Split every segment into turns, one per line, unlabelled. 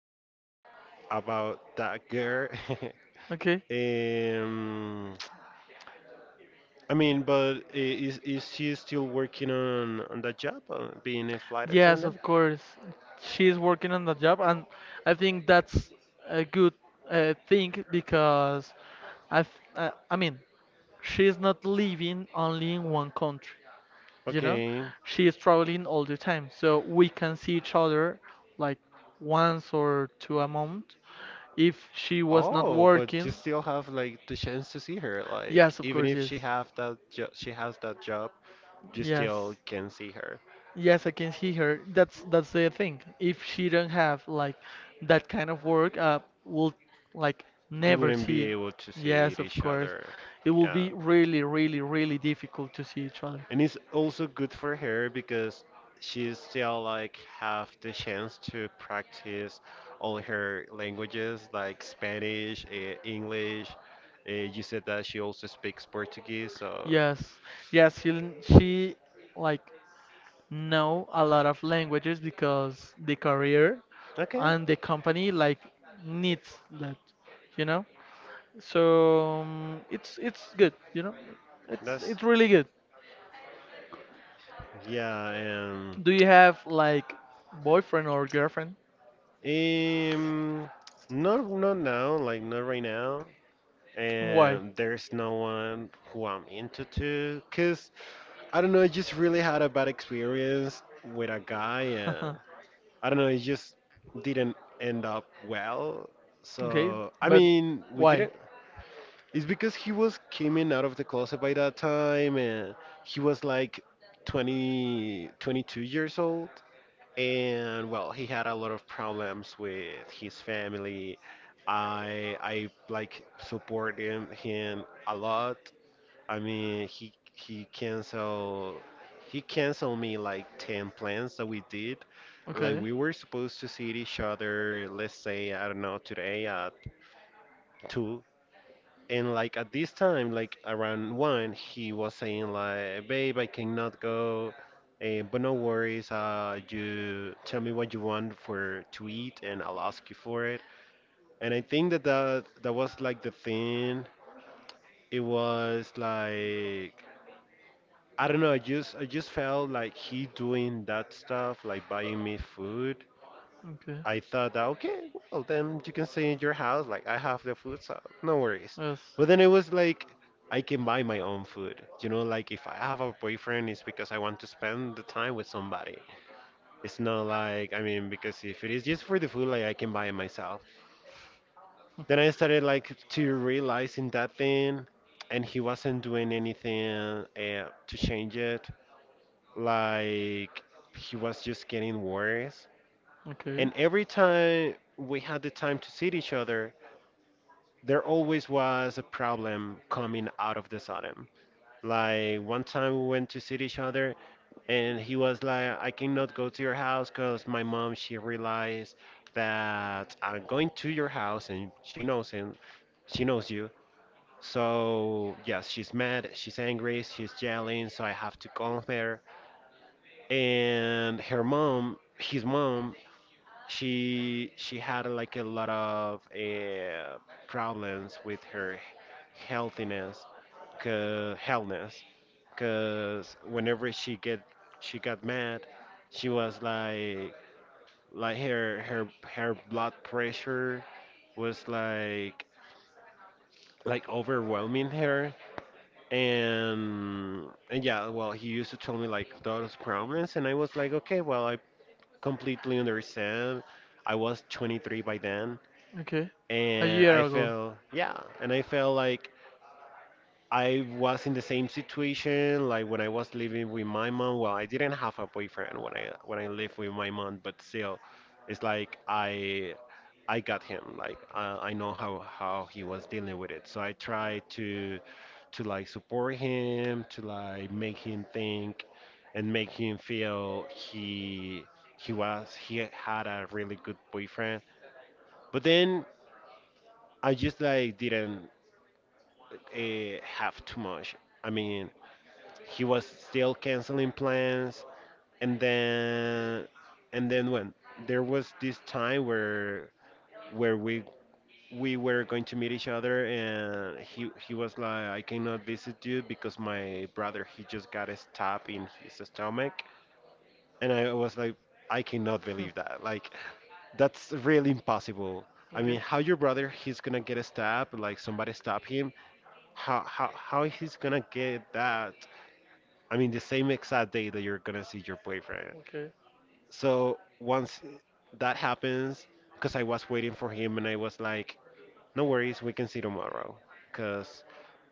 questions about that girl. um, I mean, but is she still working on that job, being a flight attendant? Okay. Oh, but you still have like the chance to see her. Like even if she have that jo she has that job, you still can see her. You wouldn't be able to see each other. Yeah. And it's also good for her because she still like have the chance to practice all her languages like Spanish, English. You said that she also speaks Portuguese, so okay, that's yeah, and um, not now, like not right now. And there's no one who I'm into to, cause I don't know, I just really had a bad experience with a guy, and I don't know, it just didn't end up well. So, I mean, we didn't. It's because he was coming out of the closet by that time and he was like 20, 22 years old. And well, he had a lot of problems with his family. I like support him a lot. I mean, he canceled me like 10 plans that we did. Like we were supposed to see each other, let's say, I don't know, today at 2. And like at this time, like around 1, he was saying like, "Babe, I cannot go." But no worries, you tell me what you want for to eat and I'll ask you for it. And I think that was like the thing. It was like I don't know. I just felt like he doing that stuff, like buying me food. I thought that okay, well then you can stay in your house. Like I have the food, so no worries. But then it was like I can buy my own food. Like if I have a boyfriend, it's because I want to spend the time with somebody. It's not like I mean because if it is just for the food, like I can buy it myself. Then I started like to realizing that thing, and he wasn't doing anything to change it like he was just getting worse. And every time we had the time to see each other, there always was a problem coming out of the sudden. Like one time we went to see each other, and he was like, I cannot go to your house because my mom, she realized that I'm going to your house and she knows him, she knows you. So, yes, she's mad, she's angry, she's yelling, so I have to calm her. And her mom, his mom, she had like a lot of problems with her healthiness, cause healthness, cause whenever she got mad, she was like like her her her blood pressure was like overwhelming her and yeah, well, he used to tell me like those problems, and I was like, okay, well, I completely understand. I was 23 by then, and I felt yeah, and I felt like I was in the same situation, like when I was living with my mom. Well, I didn't have a boyfriend when I lived with my mom, but still, it's like I got him. Like I know how he was dealing with it. So I tried to like support him, to like make him think, and make him feel he had a really good boyfriend. But then I just like didn't have too much. I mean, he was still canceling plans and then and then when there was this time where we were going to meet each other, and he was like, I cannot visit you because my brother, he just got a stab in his stomach. And I was like, I cannot believe that, like, that's really impossible. I mean, how your brother he's gonna get a stab, like somebody stab him, how he's gonna get that. I mean, the same exact day that you're gonna see your boyfriend. So once that happens, because I was waiting for him and I was like, no worries, we can see tomorrow. Because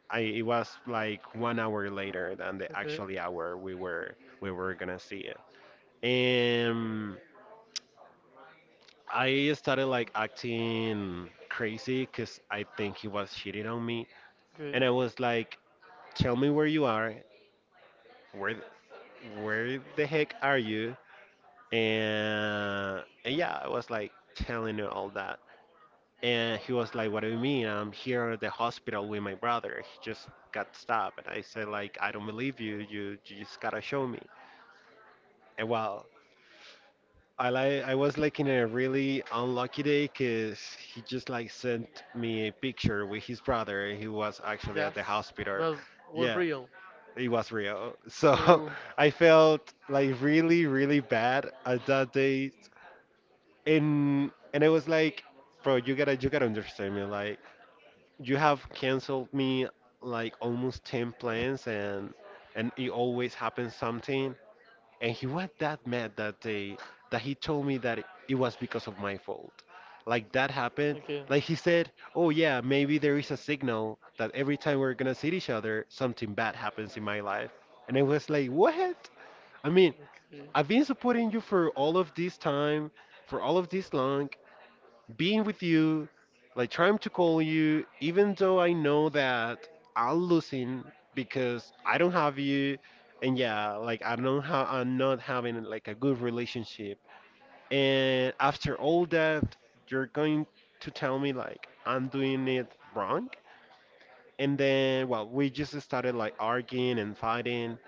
I it was like 1 hour later than the actual hour we were gonna see it. And I started like acting crazy because I think he was cheating on me. And I was like, tell me where you are. Where where the heck are you? And yeah, I was like telling her all that, and he was like, "What do you mean? I'm here at the hospital with my brother. He just got stabbed." And I said, "Like, I don't believe you. You just gotta show me." And well, I was like in a really unlucky day because he just like sent me a picture with his brother. And he was actually at the hospital. Yeah, it was real. So I felt like really, really bad at that day, and I was like, bro, you gotta understand me. Like, you have canceled me like almost 10 plans, and it always happens something. And he was that mad that day that he told me that it was because of my fault. Like that happened. Like he said, oh yeah, maybe there is a signal that every time we're gonna see each other, something bad happens in my life. And I was like, what? I mean, I've been supporting you for all of this time, for all of this long being with you, like trying to call you, even though I know that I'm losing because I don't have you, and yeah, like I don't have, I'm not having like a good relationship. And after all that, you're going to tell me like I'm doing it wrong. And then, well, we just started like arguing and fighting,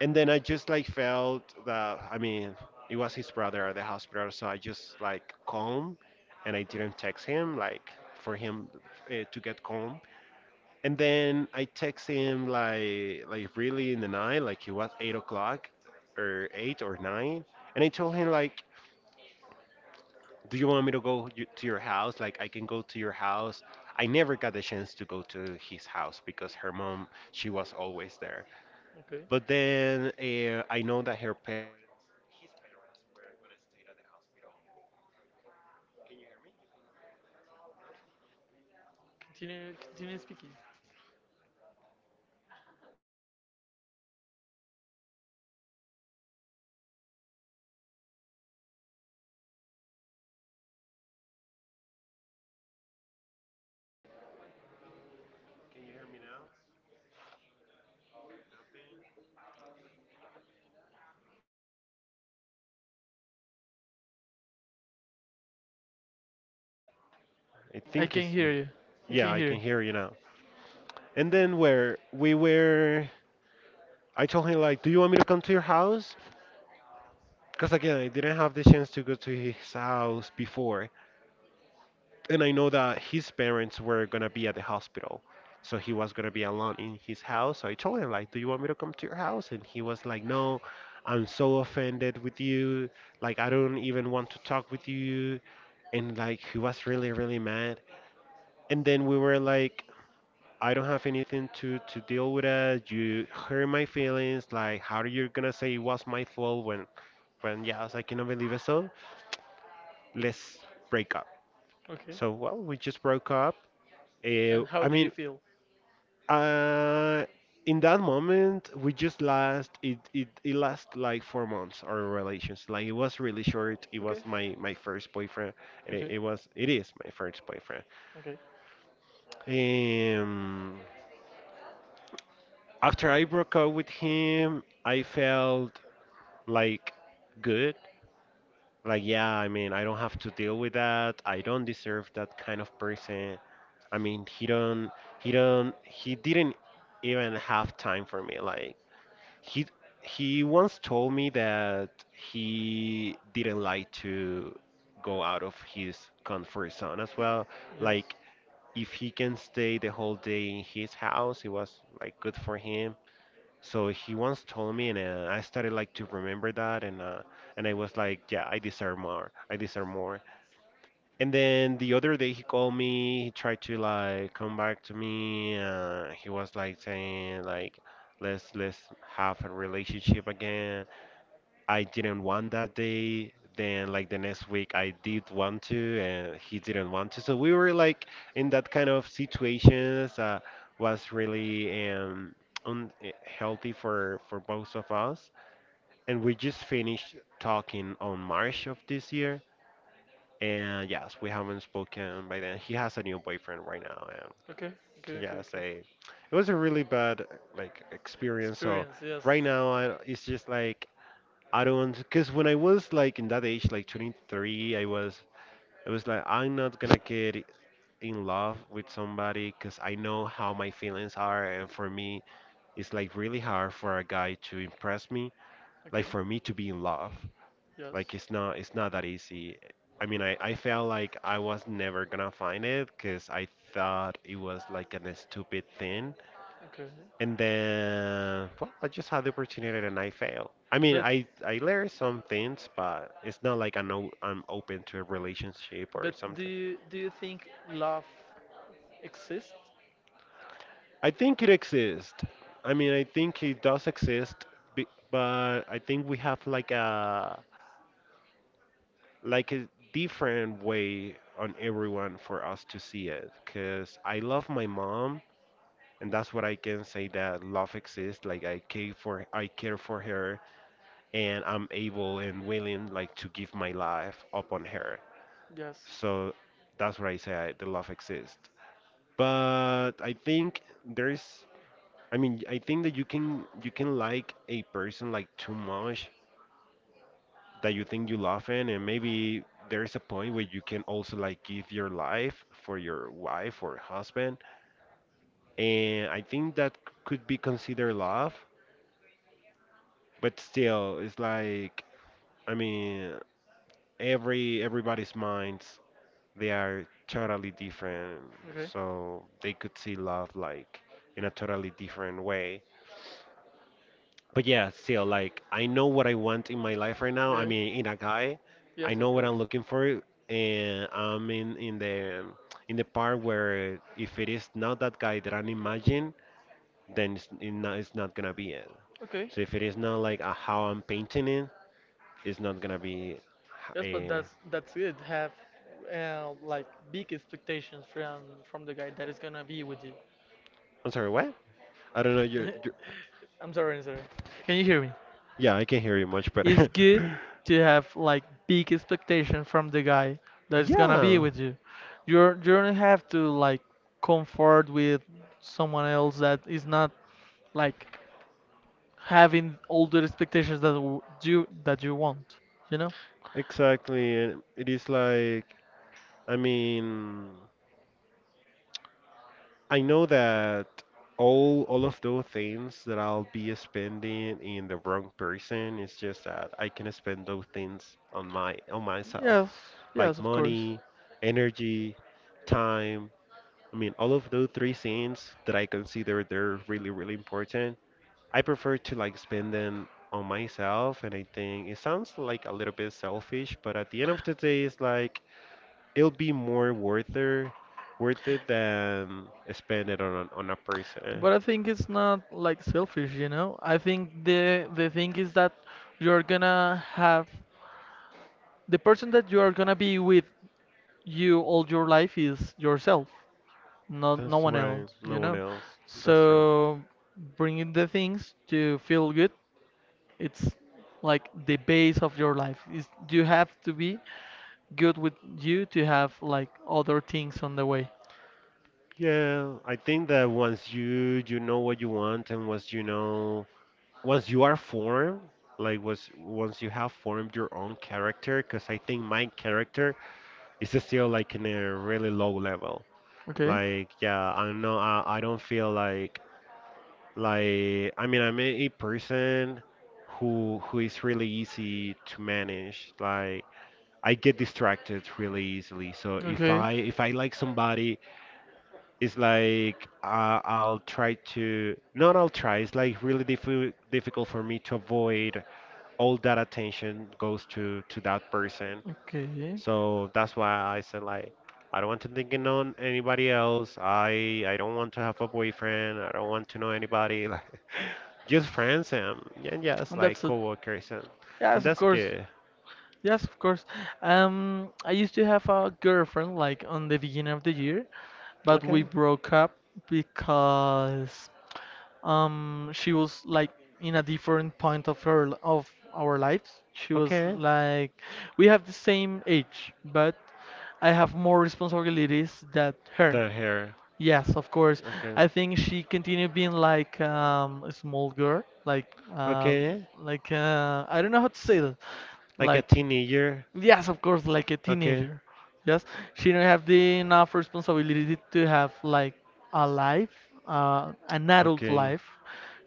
and then I just like felt that, I mean, it was his brother at the hospital, so I just like calm, and I didn't text him like for him to get calm. And then I text him like really in the night, like it was 8 o'clock or eight or nine, and I told him like, do you want me to go to your house? Like I can go to your house. I never got the chance to go to his house because her mom, she was always there. But then I know that her parents, his parents, were gonna stay at the hospital. Can you hear me? You cannot hear me. No. Um. Okay. Cause let me see. Well, he mm, he he canceled. Okay. Can you hear me now? Nothing. I think it's. I think
I
it's.
can hear you. I
Yeah,
can
I can
hear you.
hear you now. And then where we were, I told him like, "Do you want me to come to your house?" Because again, I didn't have the chance to go to his house before, and I know that his parents were gonna be at the hospital, so he was gonna be alone in his house. So I told him like, "Do you want me to come to your house?" And he was like, "No, I'm so offended with you. Like, I don't even want to talk with you." And like, he was really, really mad. And then we were like, "I don't have anything to deal with it. You hurt my feelings. Like, how are you gonna say it was my fault when?" When yeah, I was like, "I cannot believe it." So let's break up.
Okay.
So, well, we just broke up.
And
I
how do
mean,
you feel?
uh, in that moment, we just last it, it it last like 4 months our relations. Like it was really short. It was
Okay.
my first boyfriend, and
Okay.
it is my first boyfriend.
Okay.
Um, after I broke up with him, I felt like good. Like yeah, I mean, I don't have to deal with that. I don't deserve that kind of person. I mean, he didn't even have time for me. Like he, he once told me that he didn't like to go out of his comfort zone as well.
Yes.
Like if he can stay the whole day in his house, it was like good for him. So he once told me, and I started like to remember that, and I was like, yeah, I deserve more. I deserve more. And then the other day he called me, he tried to like come back to me. He was like saying like let's have a relationship again. I didn't want that day. Then like the next week I did want to and he didn't want to. So we were like in that kind of situations was really unhealthy for both of us. And we just finished talking on March of this year, and yes, we haven't spoken by then. He has a new boyfriend right now, and
Okay.
so
Okay. Okay.
yes,
Okay.
it was a really bad experience. So
Experience. Yes.
right now, it's just like I don't, because when I was like in that age, like 23, I was like, I'm not gonna get in love with somebody because I know how my feelings are, and for me, it's like really hard for a guy to impress me, like
Okay.
for me to be in love.
Yes.
Like it's not that easy. I mean, I felt like I was never gonna find it because I thought it was like a stupid thing.
Okay.
And then, well, I just had the opportunity and I failed. I mean,
But
I learned some things, but it's not like I know I'm open to a relationship or
but do
something.
you do you think love exists?
I think it exists. I mean, I think it does exist, but I think we have like a different way on everyone for us to see it, because I love my mom, and that's what I can say, that love exists. Like I care for her, and I'm able and willing like to give my life up on her.
Yes.
So that's what the love exists, but I think there's I mean I think that you can like a person like too much that you think you love in, and maybe there's a point where you can also like give your life for your wife or husband, and I think that could be considered love. But still it's like, I mean, everybody's minds, they are totally different.
Okay.
So they could see love like in a totally different way. But yeah, still, like, I know what I want in my life right now. I
Yeah.
mean, in a guy, I
Yes,
know
of
what
course.
I'm looking for, and I'm in the part where if it is not that guy that I'm imagining, then it's not gonna be it.
Okay.
So if it is not like how I'm painting it, it's not gonna be.
Yes, but
A.
that's it. Have like big expectations from the guy that is gonna be with you.
Am sorry, what? I don't know.
I'm sorry, I'm sorry. Can you hear me?
Yeah, I can hear you much better.
It's good to have like big expectation from the guy that's gonna be
Yeah,
with you. You don't have to like comfort with someone else that is not like having all the expectations that you that you want. You know?
exactly. And it is like, I mean, I know that all of those things that I'll be spending in the wrong person is just that I can spend those things on my on myself,
Yes, yes,
like
of course.
money, energy, time. I mean, all of those three things that I consider, they're really really important. I prefer to like spend them on myself, and I think it sounds like a little bit selfish, but at the end of the day, it's like it'll be more worth it than spend it on a person.
But I think it's not like selfish, you know? I think the thing is that you're gonna have the person that you are gonna be with you all your life is yourself, not no
That's
one
right.
else,
No
you
one
know?
else. That's true.
So bringing the things to feel good, it's like the base of your life. Is you have to be good with you to have like other things on the way.
Yeah, I think that once you know what you want, and once you know once you are formed, like was once you have formed your own character, because I think my character is still like in a really low level.
Okay?
Like, yeah, I know. I don't feel like, I mean, I'm a person who is really easy to manage. Like, I get distracted really easily. So if
Okay.
I like somebody, it's like I'll try to, not I'll try. It's like really difficult for me to avoid all that attention goes to that person.
Okay.
So that's why I said like I don't want to think on anybody else. I don't want to have a boyfriend. I don't want to know anybody. Like just friends and just
And
like
that's it.
coworkers and
Yes, of
that's
course.
good.
Yes, of course. I used to have a girlfriend like on the beginning of the year, but
Okay.
we broke up because she was like in a different point of of our lives. She was
Okay.
like we have the same age, but I have more responsibilities than her.
Third hair.
Yes, of course.
Okay.
I think she continued being like a small girl, uh,
Okay.
like I don't know how to say that,
Like a
like.
teenager.
Yes, of course, like a
Okay.
teenager. Yes, she don't have the enough responsibility to have like a life, an adult
Okay.
life,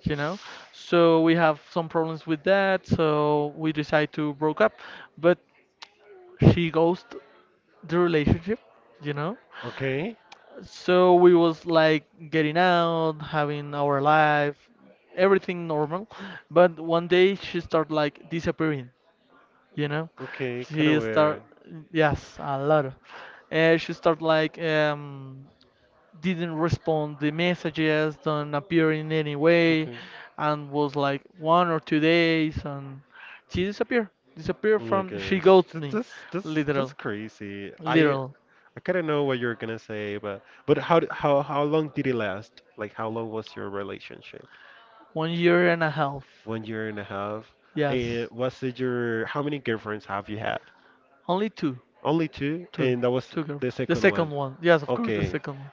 you know. So we have some problems with that. So we decide to broke up, but she ghost the relationship, you know.
Okay.
So we was like getting out, having our life, everything normal, but one day she start like disappearing, you know
Okay.
she
Kind of
start,
weird.
yes, she start like didn't respond the messages, don't appear in any way,
Okay.
and was like 1 or 2 days, and she disappeared
Oh my
from, she
gosh.
ghosted
That,
me
that's that's
literal
that's crazy. I
literal
I kind of know what you're gonna say, but how how long did it last? Like how long was your relationship?
1 year and a half.
1 year and a half. And
Yes,
what's it your, how many girlfriends have you had?
only
Only two,
two
and that was
two girls.
the
The
second
second
one.
one, yes, of course, the
Okay.
second one.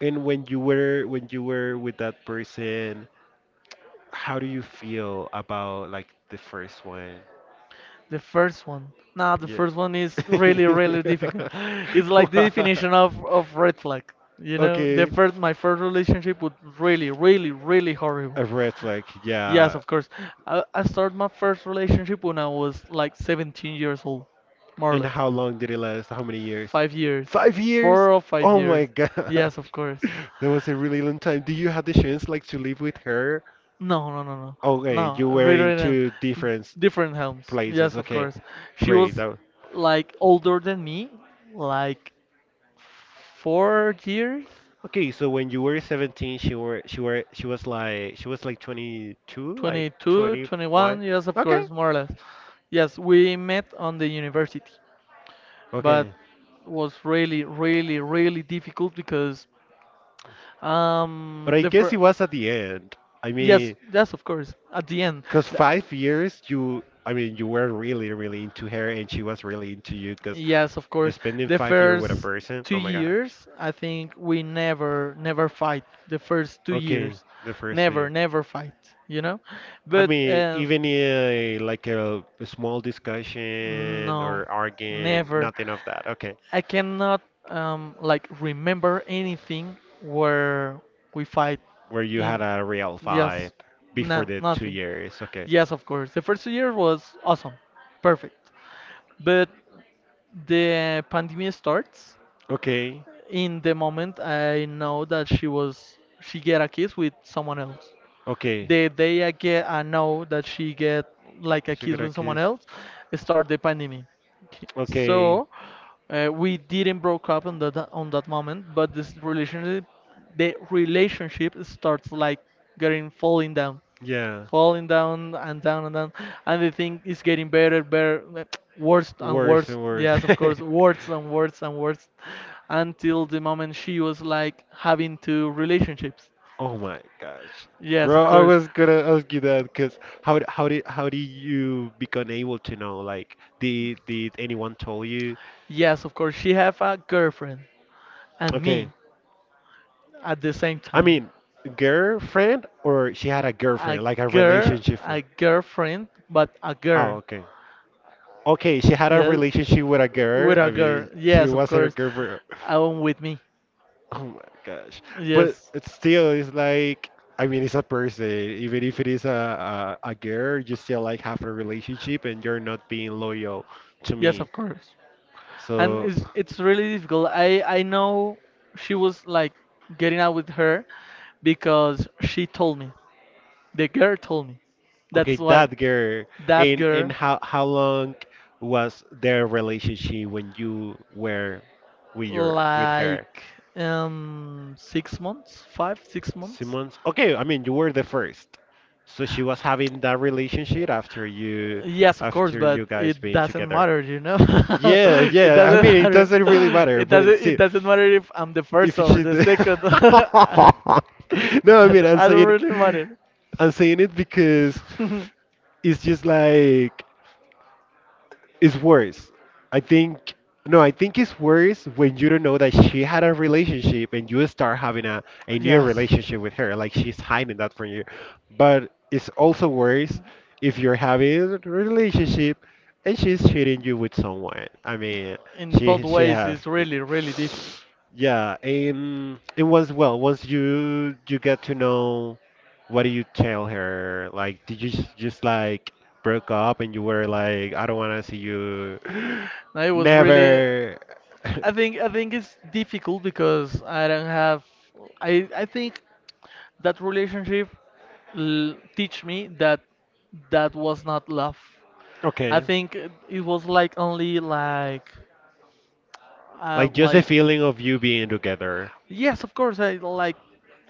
And when you were with that person, how do you feel about like the first one?
The first one. Nah, the
Yeah.
first one is really, really difficult. It's like the
Wow.
definition of red flag. You know, the
Okay.
first my first relationship was really, really, really horrible.
A red flag,
Yes,
yeah.
of course. I started my first relationship when I was like 17 years old, more or
And
less.
how long did it last? How many years?
5 years.
5 years?
Four or five
Oh my
years. Yes,
gosh.
of course.
That was a really long time. Did you have the chance like to live with her?
No, no, no, no.
Okay, you
No,
were in
rewritten.
two different
Different homes.
places.
Yes, of
Okay,
course. She
great.
was
That,
like older than me, like 4 years.
okay, so when you were 17, she was like she was like 22, like
22, twenty
21.
one. Yes, of
Okay,
course, more or less. Yes, we met on the university, but
okay.
was really, really, really difficult because
But I
the
guess it
first.
was at the end. I
Yes,
mean,
yes, of course. At the end,
because
the- I-
5 years, you, I mean, you were really, really into her and she was really into you. Because
yes, of course.
spending
The
5 years with a
first
person,
two
oh my gosh.
years, I think we never, never fight. The first two
Okay,
years,
the first
never,
year.
never fight. You know,
I
but
mean, even like a small discussion
no,
or arguing,
never.
nothing of that. Okay.
I cannot like remember anything where we fight
Where you had
in.
a real fight
Yes,
before
no,
the two
nothing.
years. Okay.
Yes, of course. The first year was awesome, perfect. But the pandemic starts.
Okay.
In the moment, I know that she get a kiss with someone else.
Okay.
The day I know that she get like a
She
kiss
got a
with someone
kiss.
else, start the pandemic. K-
Okay,
So uh, we didn't broke up on that moment, but the relationship starts like getting
yeah.
falling down and down and down, and the thing is getting better, better, like, worse and
Worse
worse.
and worse.
Yes, of course, worse and worse and worse, until the moment she was like having two relationships.
Oh my gosh.
Yes,
Bro,
of
I
course.
was gonna ask you that because how did how did you become able to know? Like, did anyone told you?
Yes, of course. She have a girlfriend and me
Okay,
at the same
I
time.
mean, girlfriend or she had a
A
girlfriend, like a
girl,
relationship.
a
Friend?
girlfriend, but a
Oh,
girl.
okay. Okay, she had a
Yes,
relationship with a girl.
with a
I
girl.
mean, she
Yes, of
was her
course.
girlfriend.
I want with me.
Oh my gosh. But
Yes,
it's still, it's like, I mean, it's a person. Even if it is a girl, you still like have a relationship and you're not being loyal to
yes,
me.
of course. And
So,
it's really difficult. I know she was like getting out with her because she told me. The girl told me. That's
okay,
why
that girl.
that
And
girl
how long was their relationship when you were with your with her?
like 6 months, five, 6 months.
Simmons. Okay, I mean you were the first. So she was having that relationship
Yes, of course,
after
but
you guys
it
being
doesn't
together.
matter, you know.
Yeah,
It
yeah. I
doesn't
mean it
matter.
doesn't really matter,
It
but it's
doesn't. It
still
doesn't matter if I'm the
if
first or
she
the
d-
second. I, I
No, I mean
don't I don't really matter.
I'm saying it because it's just like it's worse. I think no, I think it's worse when you don't know that she had a relationship and you start having a new
Yes,
relationship with her. Like she's hiding that from you. But it's also worse if you're having a relationship and she's cheating you with someone. I mean,
in both
she she
ways,
has
it's really, really difficult.
yeah, and it was well once you get to know what do you tell her? Like did you just like broke up and you were like, I don't want to see you.
Now, it was really.
Never.
I think it's difficult because I don't have. I think that relationship teach me that that was not love. I
Okay.
think it was like only uh
Like just the
like
feeling of you being together.
yes, of course. I like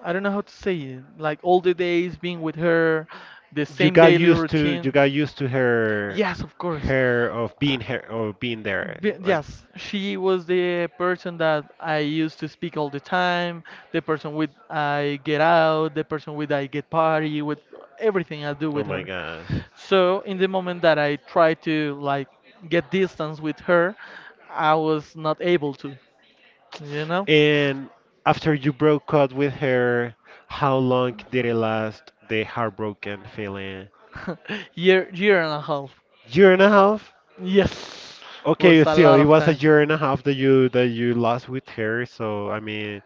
I don't know how to say it, like all the days being with her, the same daily
You
routine.
got used to her,
Yes, of course.
her of being her or being there
B
like
Yes, she was the person that I used to speak all the time, the person with I get out, the person with I get party with, everything I do
oh
with
my
her.
gosh.
So in the moment that I tried to like get distance with her, I was not able to, you know?
And after you broke up with her, how long did it last, the heartbroken feeling?
Year and a half.
Year and a half.
Yes,
Okay,
was a
still,
lot
it
of
was a
time.
year and a half that you lost with her. So I mean,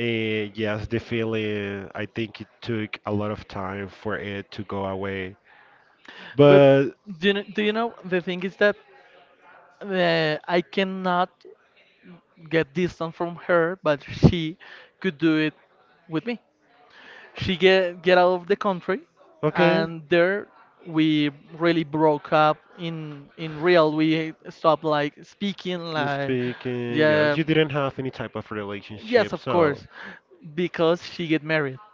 eh, yes, the feeling. I think it took a lot of time for it to go away.
But
But
do you know the thing is that I cannot get distant from her, but she could do it with me. She get out of the country,
okay,
and there we really broke up. In real, we stopped like speaking. Like,
speaking, yes,
yeah,
you didn't have any type of
yes,
relationship.
of
So
course, because she get married.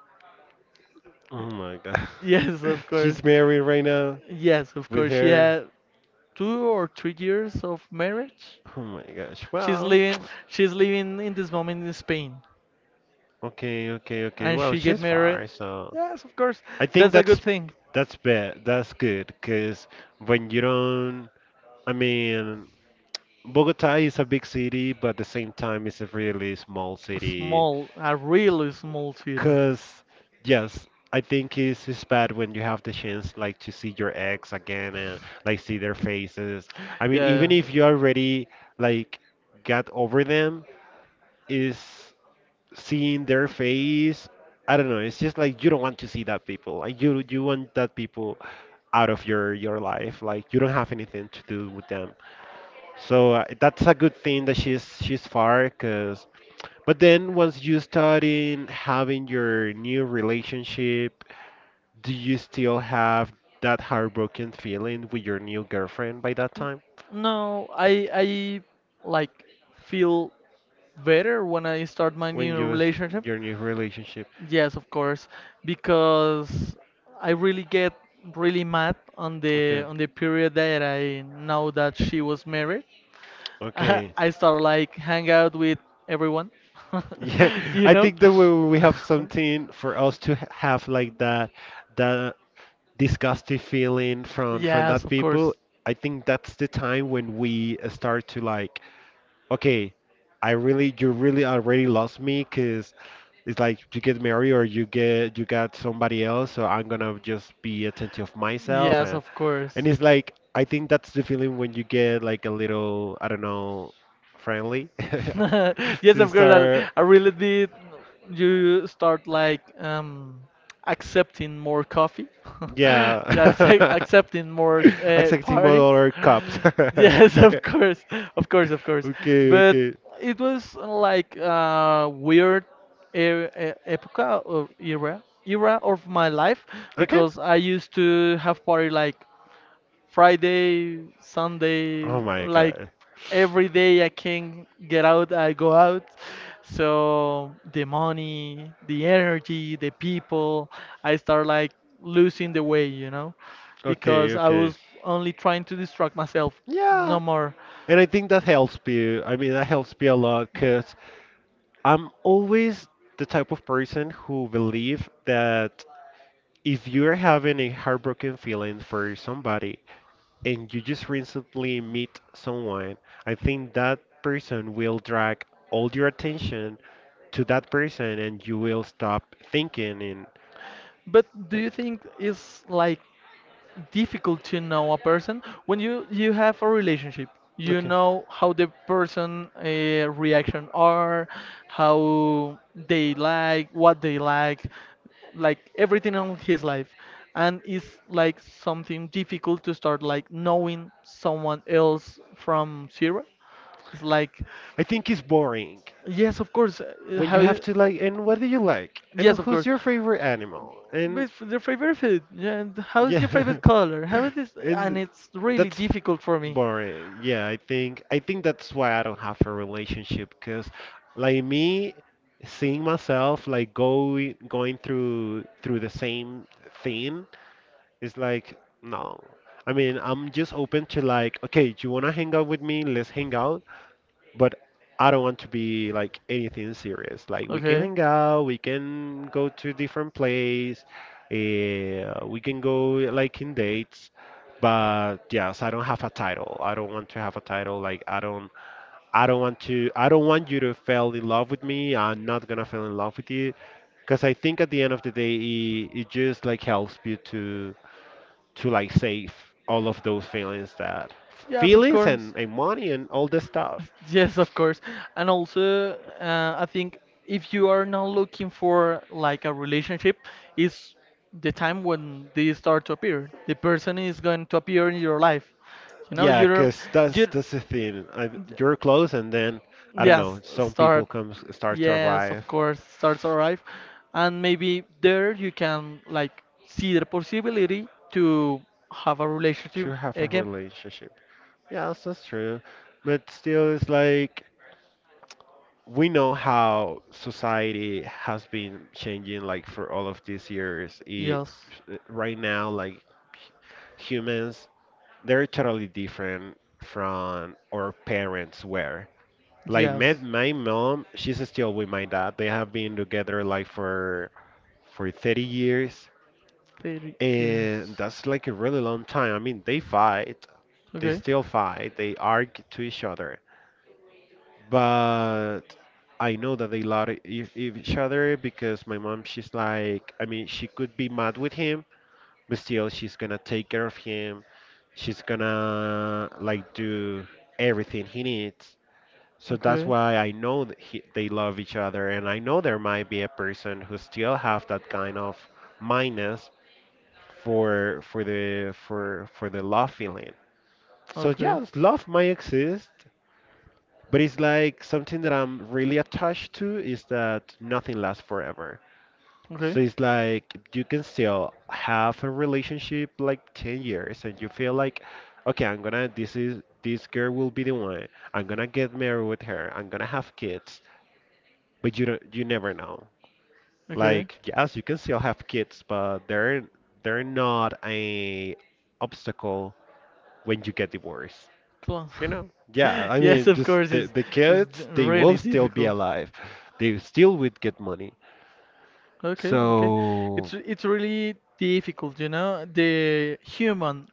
oh my god,
Yes, of course.
she's married right now
Yes, of
with
course. She
her.
had 2 or 3 years of marriage.
Oh my gosh. Well,
She's living in this moment in Spain,
okay, okay, okay.
and
Well,
she get
she's
married.
far, so
Yes, of course.
I think
That's a good
that's
thing.
bad. That's good, cause when you don't, I mean, Bogota is a big city, but at the same time, it's a really small
A
city.
Small, a really small city.
Because, yes, I think it's bad when you have the chance like to see your ex again and like see their faces. I mean, even if you already like got over them, is seeing their face, I don't know, it's just like you don't want to see that people, like you want that people out of your life, like you don't have anything to do with them. So that's a good thing that she's far, because but then once you start
Yeah.
in having your new relationship, do you still have that heartbroken feeling with your new girlfriend by that
N-
time?
No, I like feel better when I start my
When
new
you was
relationship.
your new relationship.
Yes, of course, because I really get really mad on the
Okay.
on the period that I know that she was married.
Okay.
I start like hang out with everyone,
Yeah,
you
I
know.
think that we have something for us to have like that that disgusting feeling from
Yes,
that
of
people.
course.
I think that's the time when we start to like okay, I really, you really already lost me, because it's like you get married or you got somebody else, so I'm gonna just be attentive of myself,
Yes, of
and
course.
it's like I think that's the feeling when you get like a little I don't know friendly.
Yes,
So you
of course.
start
I really did. You start like accepting more coffee,
yeah.
yeah, accepting more
Accepting
parties.
more cups.
Yes, of course, of course, of course.
Okay,
But
okay.
it was like a weird epoca or era of my life
Okay.
because I used to have party like Friday, Sunday,
Oh my
like
god.
every day I can get out, I go out. So the money, the energy, the people, I start like losing the way,
Okay,
because I
okay.
was only trying to distract myself, no
Yeah.
more.
And I think that helps me. I mean, that helps me a lot because I'm always the type of person who believe that if you're having a heartbroken feeling for somebody and you just recently meet someone, I think that person will drag all your attention to that person and you will stop thinking and
But do
eh,
you think it's like difficult to know a person when you have a relationship, you
okay.
know how the person reaction are, how they like what they like everything on his life, and it's like something difficult to start like knowing someone else from zero, it's like.
I think it's boring.
Yes, of course.
When
How?
you have to, like, and what do you like,
Yes,
and
of
who's
course.
your favorite animal, and
With your favorite food? Yeah, and how is your
yeah,
favorite color? How is this? And
and
it's really
that's
difficult for me.
boring. Yeah, I think that's why I don't have a relationship, because like me, seeing myself like going through the same thing is like no. I mean, I'm just open to like, okay, do you wanna hang out with me? Let's hang out, but I don't want to be like anything serious. Like we can
Okay.
hang out, we can go to different place, we can go like in dates. But yes, I don't have a title. I don't want to have a title. Like I don't want to. I don't want you to fall in love with me. I'm not gonna fall in love with you, because I think at the end of the day, it just like helps you to like save all of those feelings that
Yes, of
feelings
course.
and money and all this stuff.
Yes, of course. And also, I think if you are now looking for like a relationship, is the time when they start to appear. The person is going to appear in your life. You know,
Yeah,
you don't,
cause that's
you.
that's the thing. I, you're close, and then I don't know.
Yes,
Some people
start.
start to
Yes, of
arrive
course, starts arrive, and maybe there you can like see the possibility to have a relationship
to have a
again.
relationship. Yeah, that's true. But still, it's like we know how society has been changing, like for all of these years. It,
Yes,
right now, like humans, they're totally different from our parents were. Like my
yes,
my mom, she's still with my dad. They have been together like for 30 years,
thirty
and
years.
that's like a really long time. I mean, they
Okay,
still fight, they argue to each other, but I know that they love each other because my mom, she's like, I mean, she could be mad with him, but still, she's gonna take care of him. She's gonna like do everything he needs. So that's
okay,
why I know that they love each other, and I know there might be a person who still have that kind of minus for the love feeling. So
okay,
yes, love might exist, but it's like something that I'm really attached to is that nothing lasts forever.
okay.
So it's like you can still have a relationship like 10 years and you feel like, okay, I'm gonna, this is, this girl will be the one. I'm gonna get married with her. I'm gonna have kids. But you never know.
Okay.
Like, yes, you can still have kids, but they're not a obstacle when you get divorced.
Close.
You know? Yeah, I
Yes,
mean,
of
just
course, it's
the
it's d-
kids, they will
really
still be
difficult.
alive. They still would get money.
Okay, okay.
So,
It's really difficult, you know, the human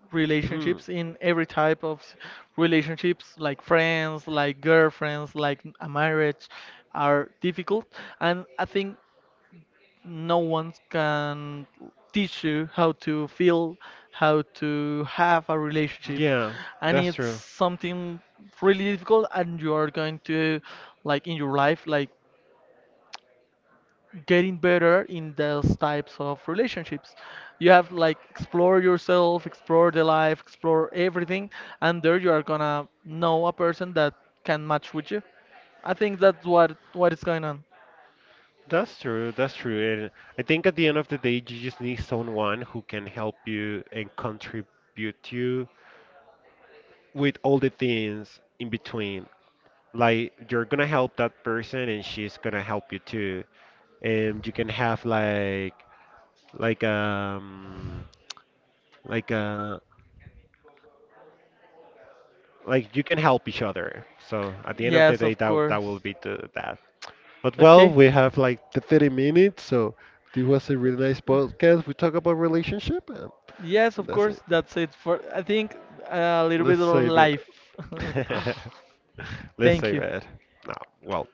hmm,
relationships in every type of relationships, like friends, like girlfriends, like a marriage, are difficult, and I think no one can teach you how to feel, how to have a relationship,
yeah,
and
that's
it's
true.
something really difficult, and you are going to like in your life, like getting better in those types of relationships. You have like explore yourself, explore the life, explore everything, and there you are gonna know a person that can match with you. I think that's what is going on.
That's true. And I think at the end of the day, you just need someone who can help you and contribute to you with all the things in between. Like you're gonna help that person, and she's gonna help you too. And you can have like like like like you can help each other. So at the end of the
Yes,
day,
of
that will
course.
be that. But well,
Okay.
we have like the 30 minutes, so this was a really nice podcast. We talk about relationship,
Yes,
and
of
that's it.
course. That's it for I think a little
Let's
bit of
save it.
life.
Let's
Thank
save
you.
it. No, well.